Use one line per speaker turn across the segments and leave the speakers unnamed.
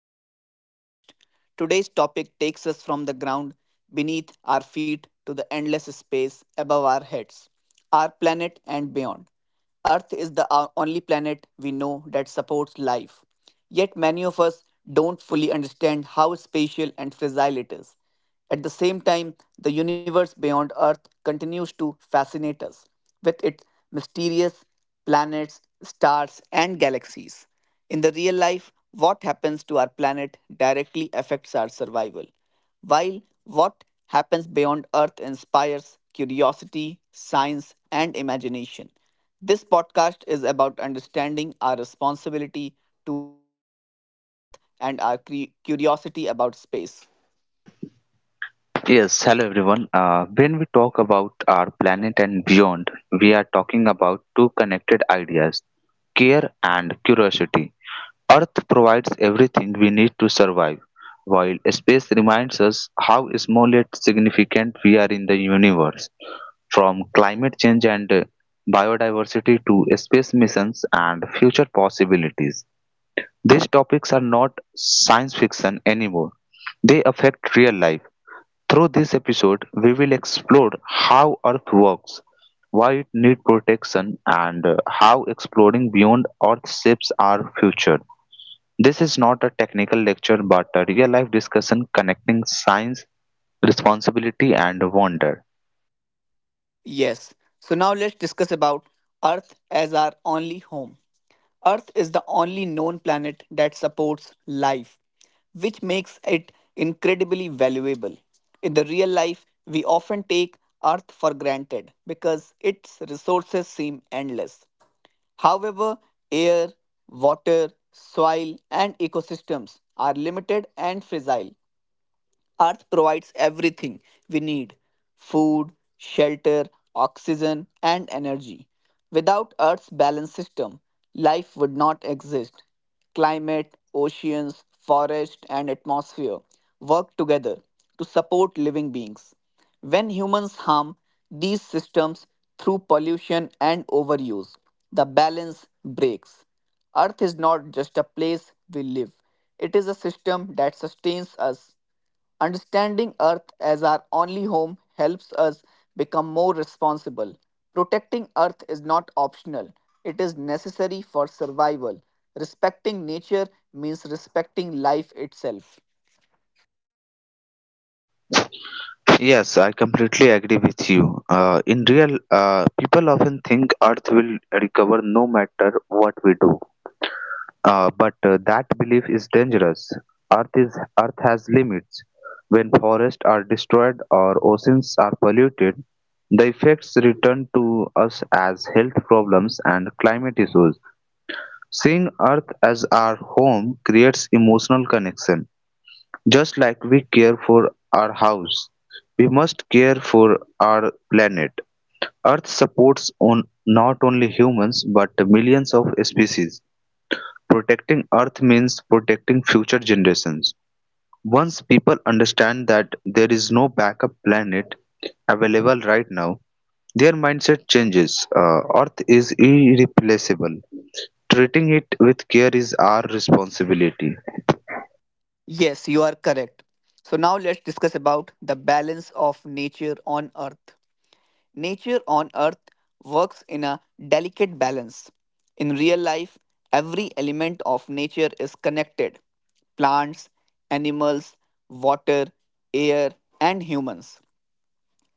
Back to our podcast. Today's topic takes us from the ground beneath our feet to the endless space above our heads, our planet, and beyond. Earth is the only planet we know that supports life. Yet, many of us don't fully understand how spatial and fragile it is. At the same time, the universe beyond Earth continues to fascinate us with its mysterious planets, stars, and galaxies. In the real life, what happens to our planet directly affects our survival, while what happens beyond Earth inspires curiosity, science, and imagination. This podcast is about understanding our responsibility toward Earth and our curiosity about space.
Yes, hello everyone. When we talk about our planet and beyond, we are talking about two connected ideas care and curiosity. Earth provides everything we need to survive, while space reminds us how small yet significant we are in the universe. From climate change and biodiversity to space missions and future possibilities, these topics are not science fiction anymore, they affect real life through this episode, we will explore how Earth works, why it needs protection, and how exploring beyond Earth shapes our future. This is not a technical lecture but a real life discussion connecting science, responsibility, and wonder.
Yes, so now let's discuss about Earth as our only home. Earth is the only known planet that supports life, which makes it incredibly valuable. In the real life, we often take Earth for granted because its resources seem endless. However, air, water, soil, and ecosystems are limited and fragile. Earth provides everything we need: food, shelter, oxygen, and energy. Without Earth's balance system, life would not exist. Climate, oceans, forest, and atmosphere work together to support living beings. When humans harm these systems through pollution and overuse, the balance breaks. Earth is not just a place we live, it is a system that sustains us. Understanding Earth as our only home helps us become more responsible. Protecting Earth is not optional, it is necessary for survival. Respecting nature means respecting life itself.
Yes, I completely agree with you. In real, people often think Earth will recover no matter what we do. But that belief is dangerous. Earth has limits. When forests are destroyed or oceans are polluted, the effects return to us as health problems and climate issues. Seeing Earth as our home creates emotional connection. Just like we care for our house, we must care for our planet. Earth supports on not only humans but millions of species. Protecting Earth means protecting future generations. Once people understand that there is no backup planet available right now, their mindset changes. Earth is irreplaceable. Treating it with care is our responsibility.
Yes, you are correct. So, now let's discuss about the balance of nature on Earth. Nature on earth works in a delicate balance. In real life, every element of nature is connected: plants, animals, water, air, and humans.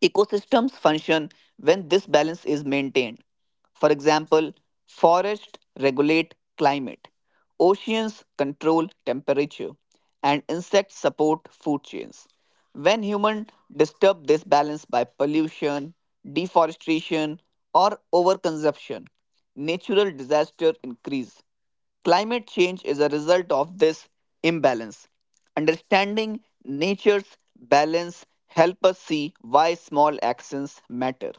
Ecosystems function when this balance is maintained. For example, forests regulate climate, oceans control temperature, and insects support food chains. When humans disturb this balance by pollution, deforestation, or overconsumption, natural disaster increase. Climate change is a result of this imbalance. Understanding nature's balance help us see why small actions matter.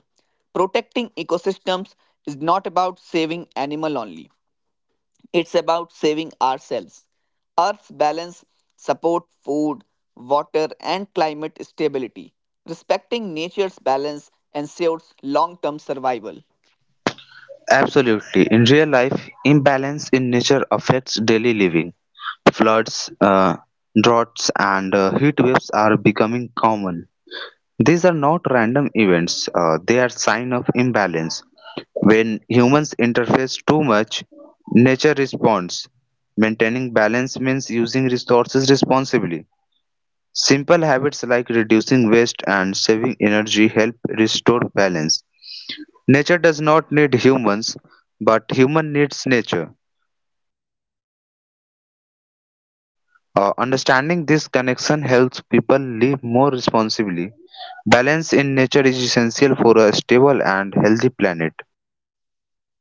Protecting ecosystems is not about saving animal only. It's about saving ourselves. Earth's balance support food, water and climate stability. Respecting nature's balance ensures long-term survival.
Absolutely. In real life, imbalance in nature affects daily living. Floods, droughts, and heat waves are becoming common. These are not random events, they are sign of imbalance. When humans interface too much, nature responds. Maintaining balance means using resources responsibly. Simple habits like reducing waste and saving energy help restore balance. Nature does not need humans, but human needs nature. Understanding this connection helps people live more responsibly. Balance in nature is essential for a stable and healthy planet.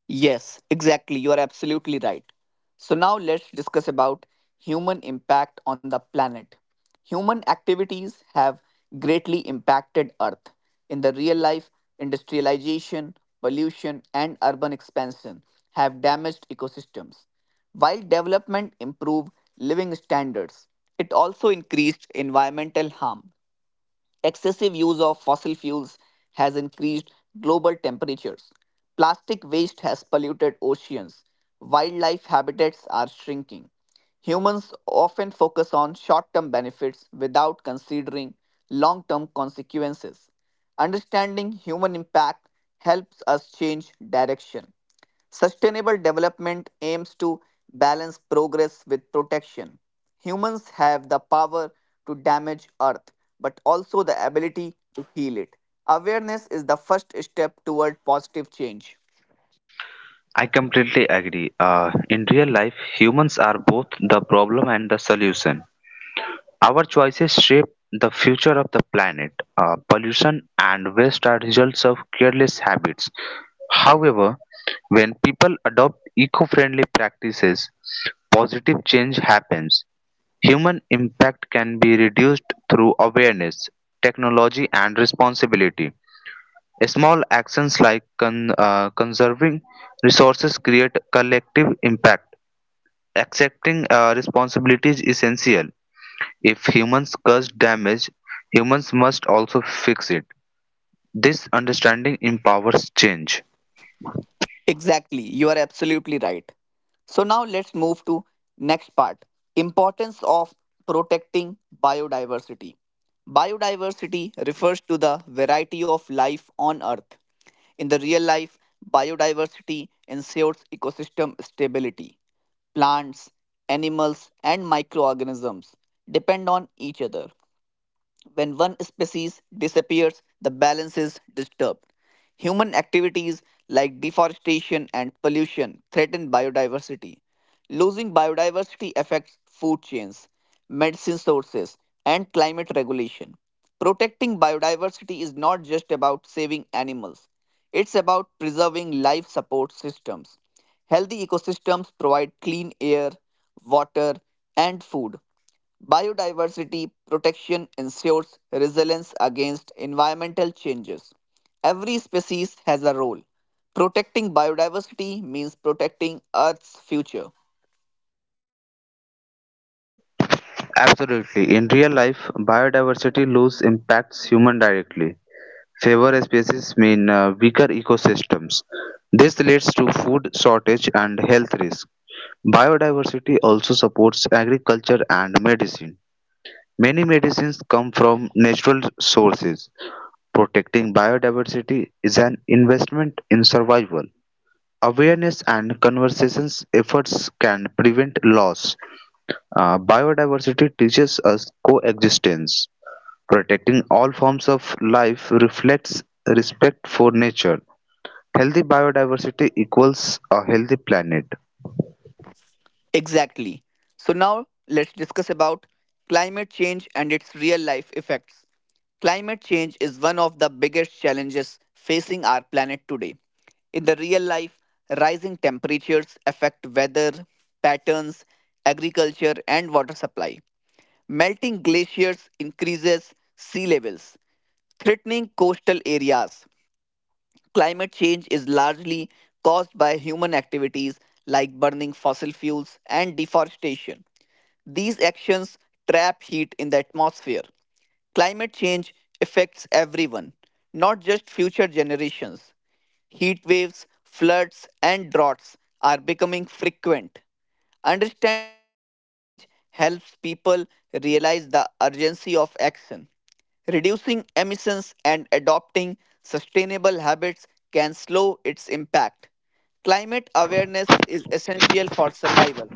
Yes, exactly. You are absolutely right. So now let's discuss about human impact on the planet. Human activities have greatly impacted Earth in the real life. Industrialization, pollution, and urban expansion have damaged ecosystems. While development improved living standards, it also increased environmental harm. Excessive use of fossil fuels has increased global temperatures. Plastic waste has polluted oceans. Wildlife habitats are shrinking. Humans often focus on short term benefits without considering long term consequences. Understanding human impact helps us change direction. Sustainable development aims to balance progress with protection. Humans have the power to damage Earth, but also the ability to heal it. Awareness is the first step toward positive change.
I completely agree. In real life, humans are both the problem and the solution. Our choices shape the future of the planet. Pollution and waste are results of careless habits. However, when people adopt eco friendly practices, positive change happens. Human impact can be reduced through awareness, technology, and responsibility. Small actions like conserving resources create collective impact. Accepting responsibility is essential. If humans cause damage, humans must also fix it. This understanding empowers change.
Exactly, you are absolutely right. So now let's move to next part, importance of protecting biodiversity. Biodiversity refers to the variety of life on earth. In the real life, biodiversity ensures ecosystem stability. Plants, animals and microorganisms depend on each other. When one species disappears, the balance is disturbed. Human activities like deforestation and pollution threaten biodiversity. Losing biodiversity affects food chains, medicine sources, and climate regulation. Protecting biodiversity is not just about saving animals, it's about preserving life support systems. Healthy ecosystems provide clean air, water, and food. Biodiversity protection ensures resilience against environmental changes. Every species has a role. Protecting biodiversity means protecting Earth's future.
Absolutely. In real life, biodiversity loss impacts human directly. Fewer species mean weaker ecosystems. This leads to food shortage and health risk. Biodiversity also supports agriculture and medicine. Many medicines come from natural sources. Protecting biodiversity is an investment in survival. Awareness and conversations efforts can prevent loss. Biodiversity teaches us coexistence. Protecting all forms of life reflects respect for nature. Healthy biodiversity equals a healthy planet.
Exactly. So now let's discuss about climate change and its real life effects. Climate change is one of the biggest challenges facing our planet today. In the real life, rising temperatures affect weather patterns, agriculture and water supply. Melting glaciers increases sea levels, threatening coastal areas. Climate change is largely caused by human activities like burning fossil fuels and deforestation. These actions trap heat in the atmosphere. Climate change affects everyone, not just future generations. Heat waves, floods, and droughts are becoming frequent. Understanding climate change helps people realize the urgency of action. Reducing emissions and adopting sustainable habits can slow its impact. Climate awareness is essential for survival.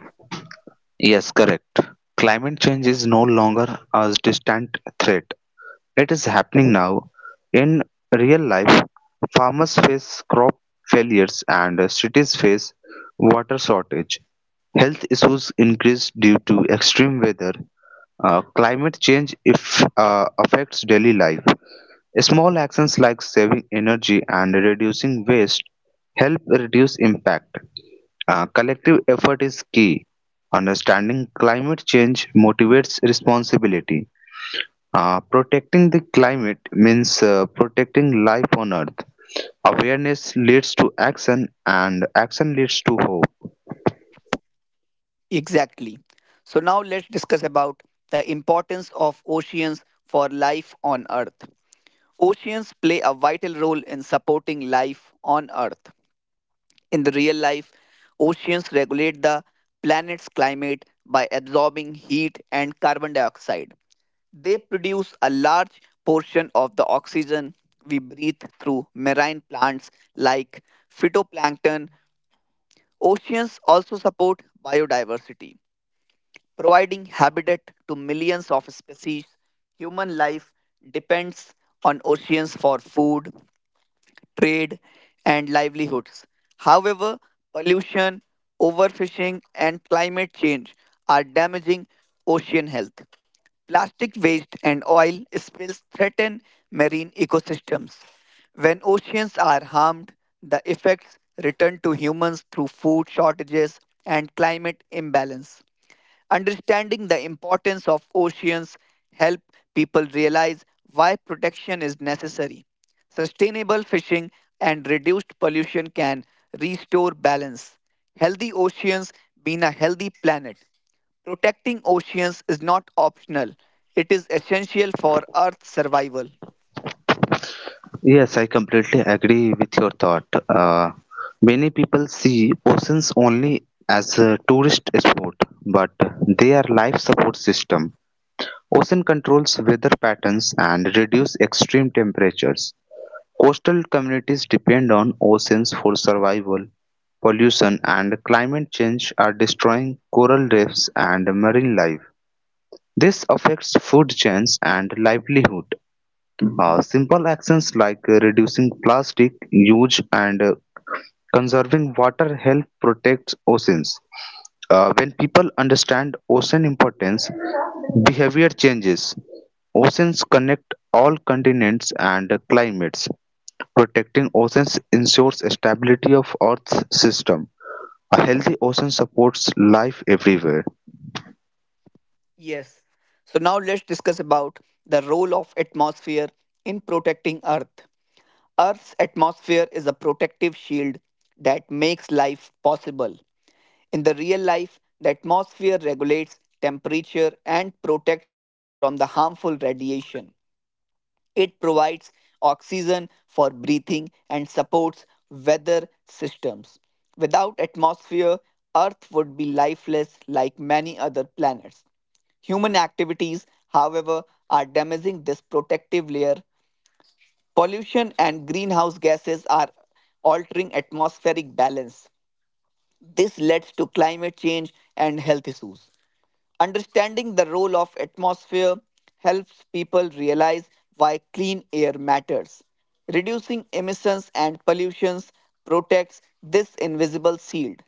Yes, correct. Climate change is no longer a distant threat. It is happening now, in real life, farmers face crop failures and cities face water shortage. Health issues increase due to extreme weather. Climate change if, affects daily life. Small actions like saving energy and reducing waste help reduce impact. Collective effort is key. Understanding climate change motivates responsibility. Protecting the climate means protecting life on Earth. Awareness leads to action, and action leads to hope.
Exactly. So, now let's discuss about the importance of oceans for life on Earth. Oceans play a vital role in supporting life on Earth. In the real life, oceans regulate the planet's climate by absorbing heat and carbon dioxide. They produce a large portion of the oxygen we breathe through marine plants like phytoplankton. Oceans also support biodiversity, providing habitat to millions of species. Human life depends on oceans for food, trade, and livelihoods. However, pollution, overfishing, and climate change are damaging ocean health. Plastic waste and oil spills threaten marine ecosystems. When oceans are harmed, the effects return to humans through food shortages and climate imbalance. Understanding the importance of oceans help people realize why protection is necessary. Sustainable fishing and reduced pollution can restore balance. Healthy oceans mean a healthy planet. Protecting oceans is not optional. It is essential for Earth's survival.
Yes, I completely agree with your thought. Many people see oceans only as a tourist spot, but they are life support system. Ocean controls weather patterns and reduce extreme temperatures. Coastal communities depend on oceans for survival; pollution and climate change are destroying coral reefs and marine life. This affects food chains and livelihood. Simple actions like reducing plastic use and conserving water help protect oceans. When people understand ocean importance, behavior changes. Oceans connect all continents and climates. Protecting oceans ensures stability of Earth's system. A healthy ocean supports life everywhere.
Yes. So now let's discuss about the role of atmosphere in protecting Earth. Earth's atmosphere is a protective shield that makes life possible. In the real life, the atmosphere regulates temperature and protects us from the harmful radiation. It provides oxygen for breathing and supports weather systems. Without atmosphere, Earth would be lifeless like many other planets. Human activities, however, are damaging this protective layer. Pollution and greenhouse gases are altering atmospheric balance. This leads to climate change and health issues. Understanding the role of atmosphere helps people realize why clean air matters. Reducing emissions and pollutions protects this invisible shield.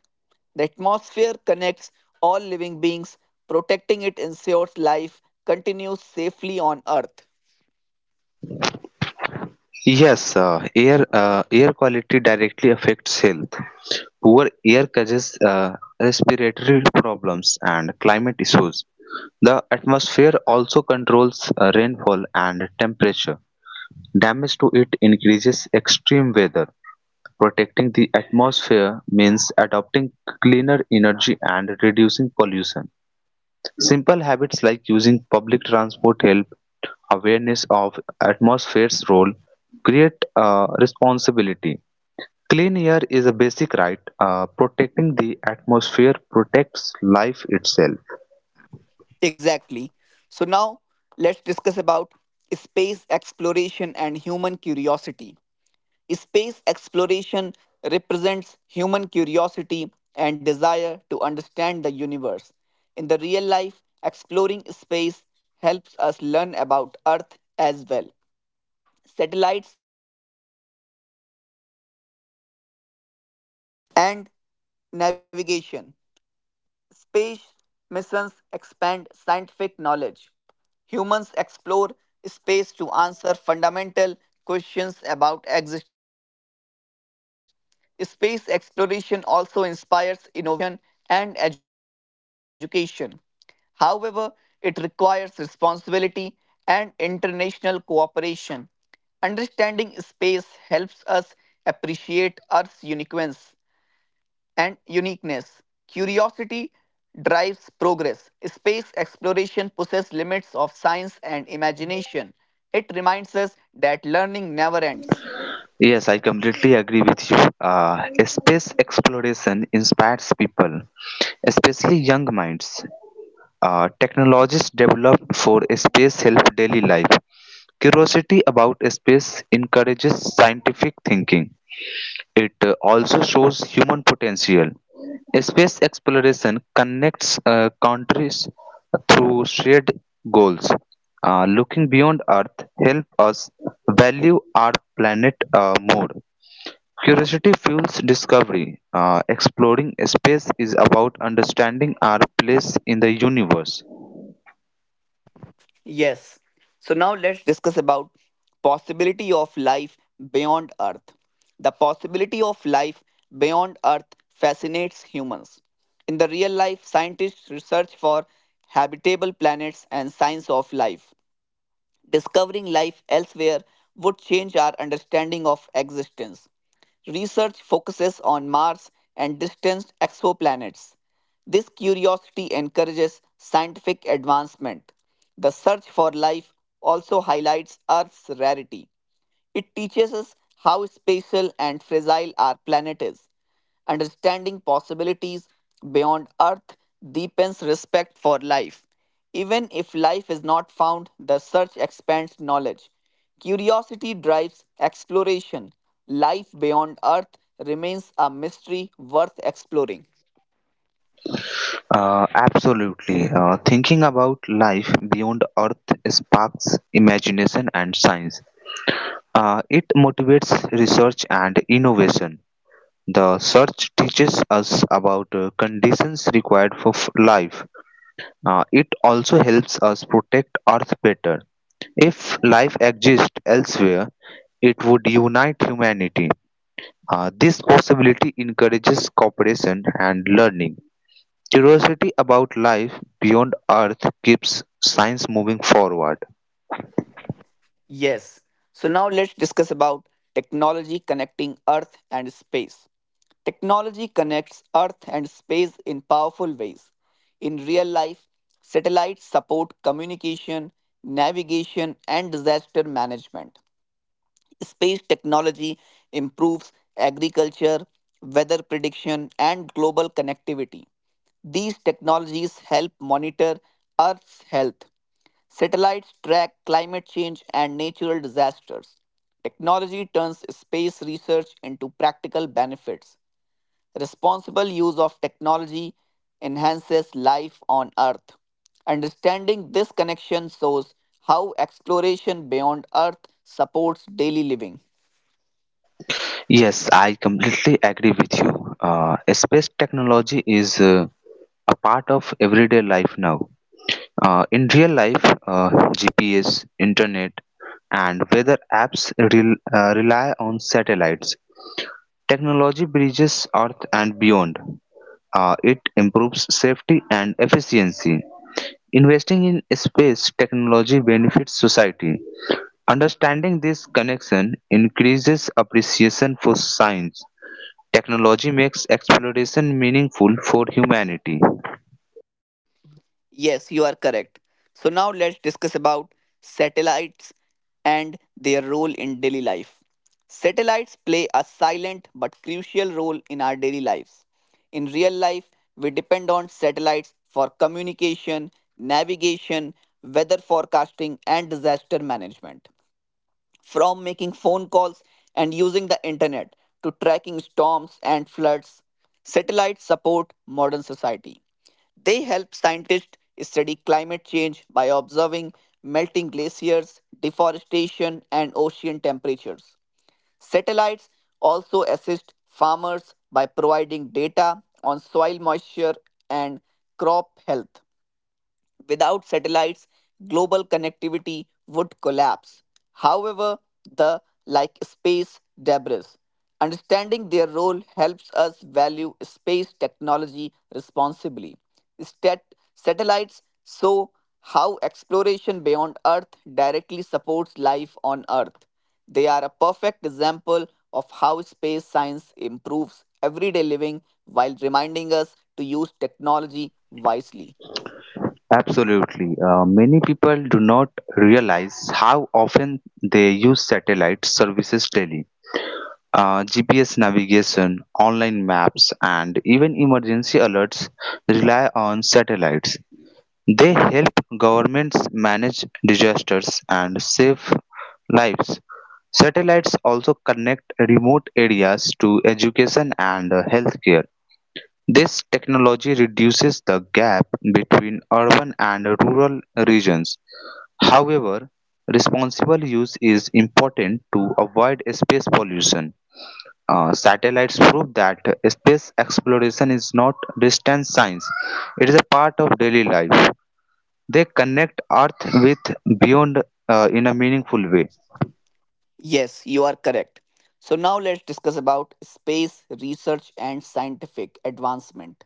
The atmosphere connects all living beings, protecting it ensures life continues safely on Earth.
Yes, air quality directly affects health. Poor air causes respiratory problems and climate issues. The atmosphere also controls rainfall and temperature. Damage to it increases extreme weather. Protecting the atmosphere means adopting cleaner energy and reducing pollution. Simple habits like using public transport help awareness of atmosphere's role create a responsibility. Clean air is a basic right. Protecting the atmosphere protects life itself.
Exactly. So now let's discuss about space exploration and human curiosity. Space exploration represents human curiosity and desire to understand the universe. In the real life, exploring space helps us learn about Earth as well. Satellites and navigation. Space missions expand scientific knowledge. Humans explore space to answer fundamental questions about existence. Space exploration also inspires innovation and education. However, it requires responsibility and international cooperation. Understanding space helps us appreciate Earth's uniqueness and uniqueness. Curiosity drives progress. Space exploration pushes limits of science and imagination. It reminds us that learning never ends.
Yes, I completely agree with you. Space exploration inspires people, especially young minds. Technologies developed for space help daily life. Curiosity about space encourages scientific thinking. It also shows human potential. Space exploration connects countries through shared goals. Looking beyond Earth helps us value our planet more. Curiosity fuels discovery. Exploring space is about understanding our place in the universe.
Yes. So now let's discuss about possibility of life beyond Earth. The possibility of life beyond Earth fascinates humans. In the real life, scientists research for habitable planets and signs of life. Discovering life elsewhere would change our understanding of existence. Research focuses on Mars and distant exoplanets. This curiosity encourages scientific advancement. The search for life also highlights Earth's rarity. It teaches us how spatial and fragile our planet is. Understanding possibilities beyond Earth deepens respect for life. Even if life is not found, the search expands knowledge. Curiosity drives exploration. Life beyond Earth remains a mystery worth exploring.
Absolutely. Thinking about life beyond Earth sparks imagination and science. It motivates research and innovation. The search teaches us about conditions required for life. It also helps us protect Earth better. If life exists elsewhere, it would unite humanity. This possibility encourages cooperation and learning. Curiosity about life beyond Earth keeps science moving forward.
Yes. So now let's discuss about technology connecting Earth and space. Technology connects Earth and space in powerful ways. In real life, satellites support communication, navigation, and disaster management. Space technology improves agriculture, weather prediction, and global connectivity. These technologies help monitor Earth's health. Satellites track climate change and natural disasters. Technology turns space research into practical benefits. Responsible use of technology enhances life on Earth. Understanding this connection shows how exploration beyond Earth supports daily living.
Yes, I completely agree with you. Space technology is a part of everyday life now. In real life, GPS, internet, and weather apps rely on satellites. Technology bridges Earth and beyond. It improves safety and efficiency. Investing in space technology benefits society. Understanding this connection increases appreciation for science. Technology makes exploration meaningful for humanity.
Yes, you are correct. So now let's discuss about satellites and their role in daily life. Satellites play a silent but crucial role in our daily lives. In real life, we depend on satellites for communication, navigation, weather forecasting, and disaster management from making phone calls and using the internet to tracking storms and floods. Satellites support modern society. They help scientists study climate change by observing melting glaciers, deforestation, and ocean temperatures. Satellites also assist farmers by providing data on soil moisture and crop health. Without satellites, global connectivity would collapse. However, the like space debris. Understanding their role helps us value space technology responsibly. Satellites show how exploration beyond Earth directly supports life on Earth. They are a perfect example of how space science improves everyday living while reminding us to use technology wisely.
Absolutely. Many people do not realize how often they use satellite services daily. GPS navigation, online maps, and even emergency alerts rely on satellites. They help governments manage disasters and save lives. Satellites also connect remote areas to education and healthcare. This technology reduces the gap between urban and rural regions; however, responsible use is important to avoid space pollution. Satellites prove that space exploration is not distant science, it is a part of daily life. They connect Earth with beyond in a meaningful way.
Yes, you are correct. So now let's discuss about space research and scientific advancement.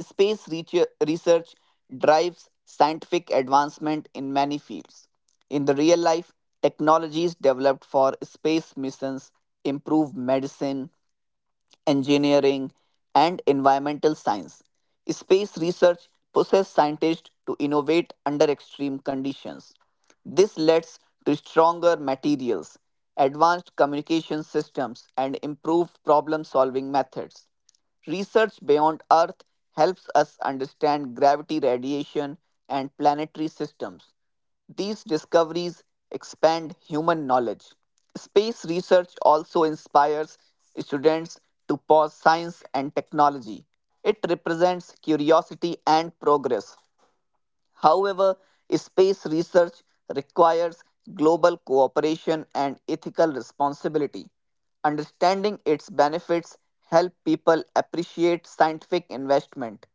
Space research drives scientific advancement in many fields. In the real life, technologies developed for space missions improve medicine, engineering, and environmental science. Space research pushes scientists to innovate under extreme conditions. This leads to stronger materials, advanced communication systems, and improved problem solving methods. Research beyond Earth helps us understand gravity, radiation, and planetary systems. These discoveries expand human knowledge. Space research also inspires students to pursue science and technology. It represents curiosity and progress. However, space research requires global cooperation and ethical responsibility. Understanding its benefits help people appreciate scientific investment.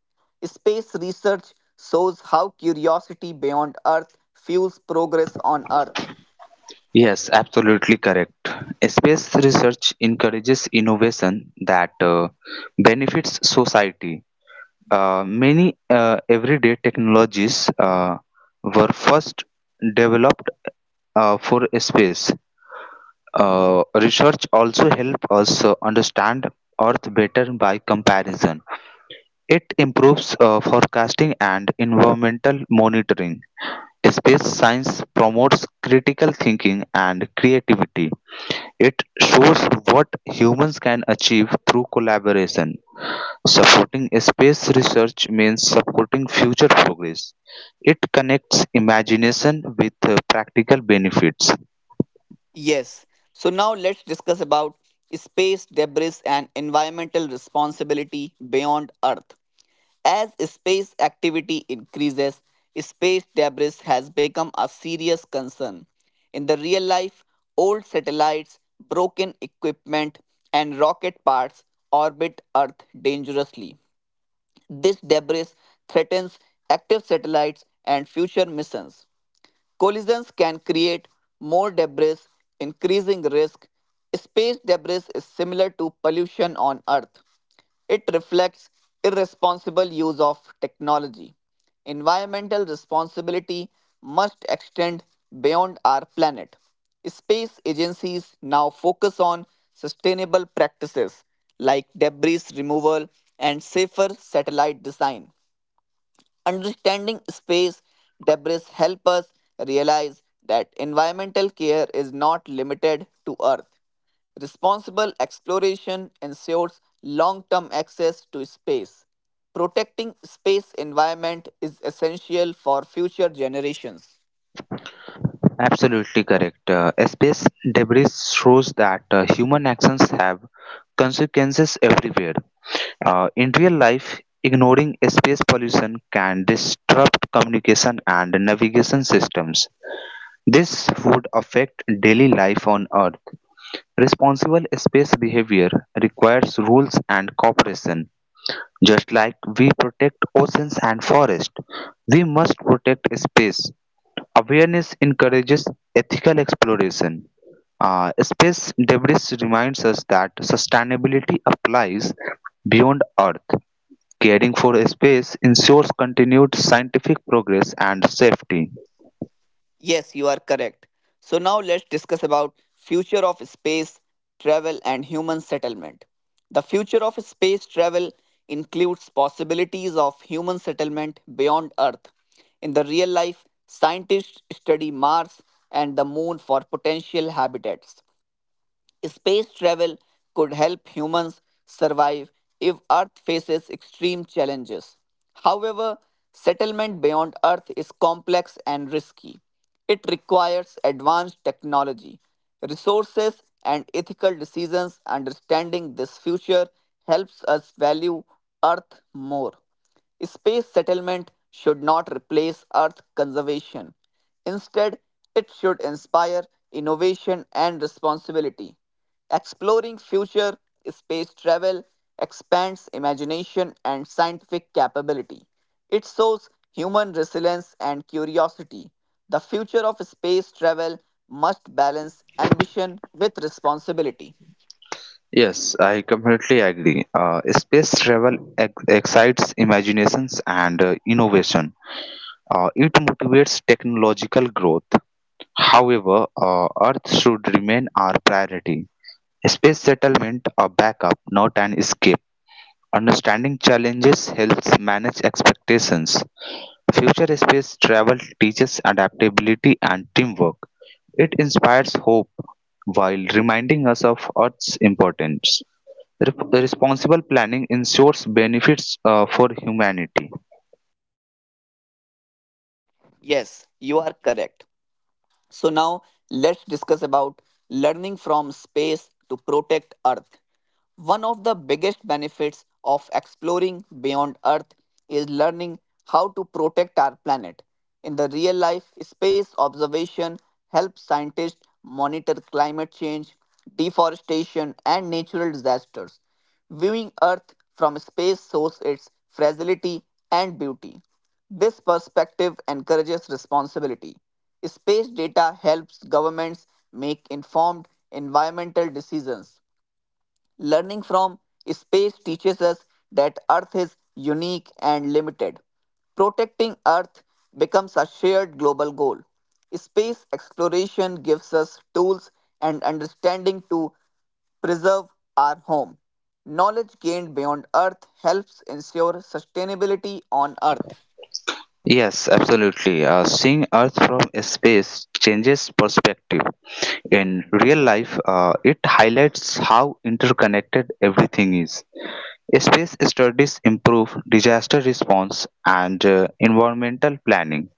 Space research shows how curiosity beyond Earth fuels progress on Earth.
Yes, absolutely correct. Space research encourages innovation that benefits society. Many everyday technologies were first developed for space. Research also help us understand Earth better by comparison. It improves forecasting and environmental monitoring. Space science promotes critical thinking and creativity. It shows what humans can achieve through collaboration. Supporting space research means supporting future progress. It connects imagination with practical benefits.
Yes. So now let's discuss about space debris and environmental responsibility beyond Earth. As space activity increases, space debris has become a serious concern. In the real life, old satellites, broken equipment, and rocket parts orbit Earth dangerously. This debris threatens active satellites and future missions. Collisions can create more debris, increasing risk. Space debris is similar to pollution on Earth. It reflects irresponsible use of technology. Environmental responsibility must extend beyond our planet. Space agencies now focus on sustainable practices like debris removal and safer satellite design. Understanding space debris help us realize that environmental care is not limited to Earth. Responsible exploration ensures long-term access to space. Protecting space environment is essential for future generations.
Absolutely correct. Space debris shows that human actions have consequences everywhere. In real life, ignoring space pollution can disrupt communication and navigation systems. This would affect daily life on Earth. Responsible space behavior requires rules and cooperation. Just like we protect oceans and forests, we must protect space. Awareness encourages ethical exploration. Space debris reminds us that sustainability applies beyond Earth. Caring for space ensures continued scientific progress and safety.
Yes, you are correct. So now let's discuss about future of space travel and human settlement. The future of space travel includes possibilities of human settlement beyond Earth. In the real life, scientists study Mars and the moon for potential habitats. Space travel could help humans survive if Earth faces extreme challenges. However, settlement beyond Earth is complex and risky. It requires advanced technology, resources, and ethical decisions. Understanding this future helps us value Earth more. Space settlement should not replace Earth conservation. Instead, it should inspire innovation and responsibility. Exploring future space travel expands imagination and scientific capability. It shows human resilience and curiosity. The future of space travel must balance ambition with responsibility.
Yes, I completely agree. Space travel excites imaginations and innovation. It motivates technological growth However, Earth should remain our priority. Space settlement a backup, not an escape. Understanding challenges helps manage expectations. Future space travel teaches adaptability and teamwork. It inspires hope while reminding us of Earth's importance. Responsible planning ensures benefits for humanity.
Yes, you are correct. So now let's discuss about learning from space to protect Earth. One of the biggest benefits of exploring beyond Earth is learning how to protect our planet. In the real life, space observation helps scientists monitor climate change, deforestation, and natural disasters. Viewing Earth from space shows its fragility and beauty. This perspective encourages responsibility. Space data helps governments make informed environmental decisions. Learning from space teaches us that Earth is unique and limited. Protecting Earth becomes a shared global goal. Space exploration gives us tools and understanding to preserve our home. Knowledge gained beyond Earth helps ensure sustainability on Earth.
Yes, absolutely. Seeing Earth from space changes perspective. In real life, it highlights how interconnected everything is. Space studies improve disaster response and environmental planning.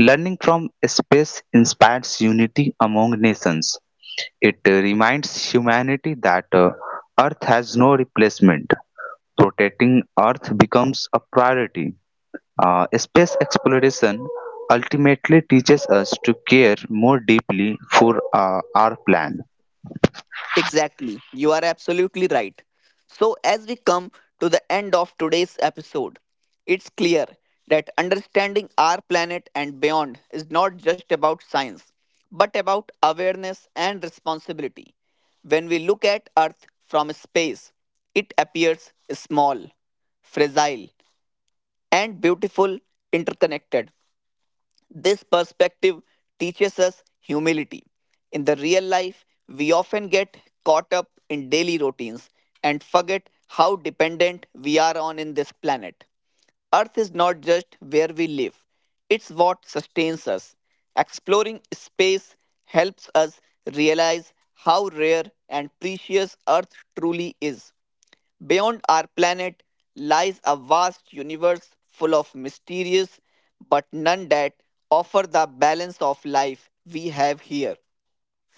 Learning from space inspires unity among nations. It reminds humanity that Earth has no replacement. Protecting Earth becomes a priority. Space exploration ultimately teaches us to care more deeply for our plan.
Exactly. You are absolutely right. So, as we come to the end of today's episode, it's clear that understanding our planet and beyond is not just about science, but about awareness and responsibility. When we look at Earth from space, it appears small, fragile, and beautiful interconnected. This perspective teaches us humility. In the real life, we often get caught up in daily routines and forget how dependent we are on in this planet. Earth is not just where we live, it's what sustains us. Exploring space helps us realize how rare and precious Earth truly is. Beyond our planet lies a vast universe full of mysterious but none that offer the balance of life we have here.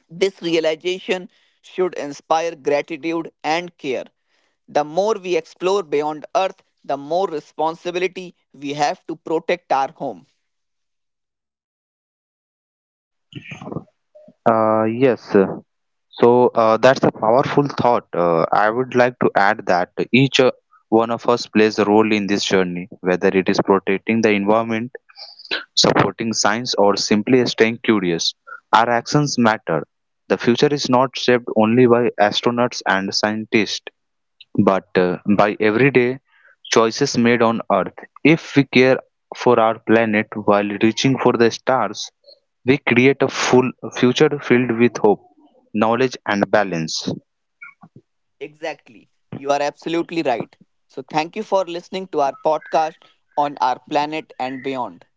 This realization should inspire gratitude and care. The more we explore beyond Earth, the more responsibility we have to protect our home.
Yes, so that's a powerful thought. I would like to add that each one of us plays a role in this journey, whether it is protecting the environment, supporting science, or simply staying curious. Our actions matter. The future is not shaped only by astronauts and scientists, but by everyday choices made on Earth. If we care for our planet while reaching for the stars, we create a full future filled with hope, knowledge, and balance.
Exactly. You are absolutely right. So, thank you for listening to our podcast on our planet and beyond.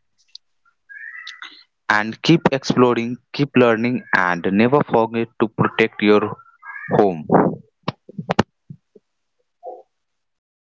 And keep exploring, keep learning, and never forget to protect your home.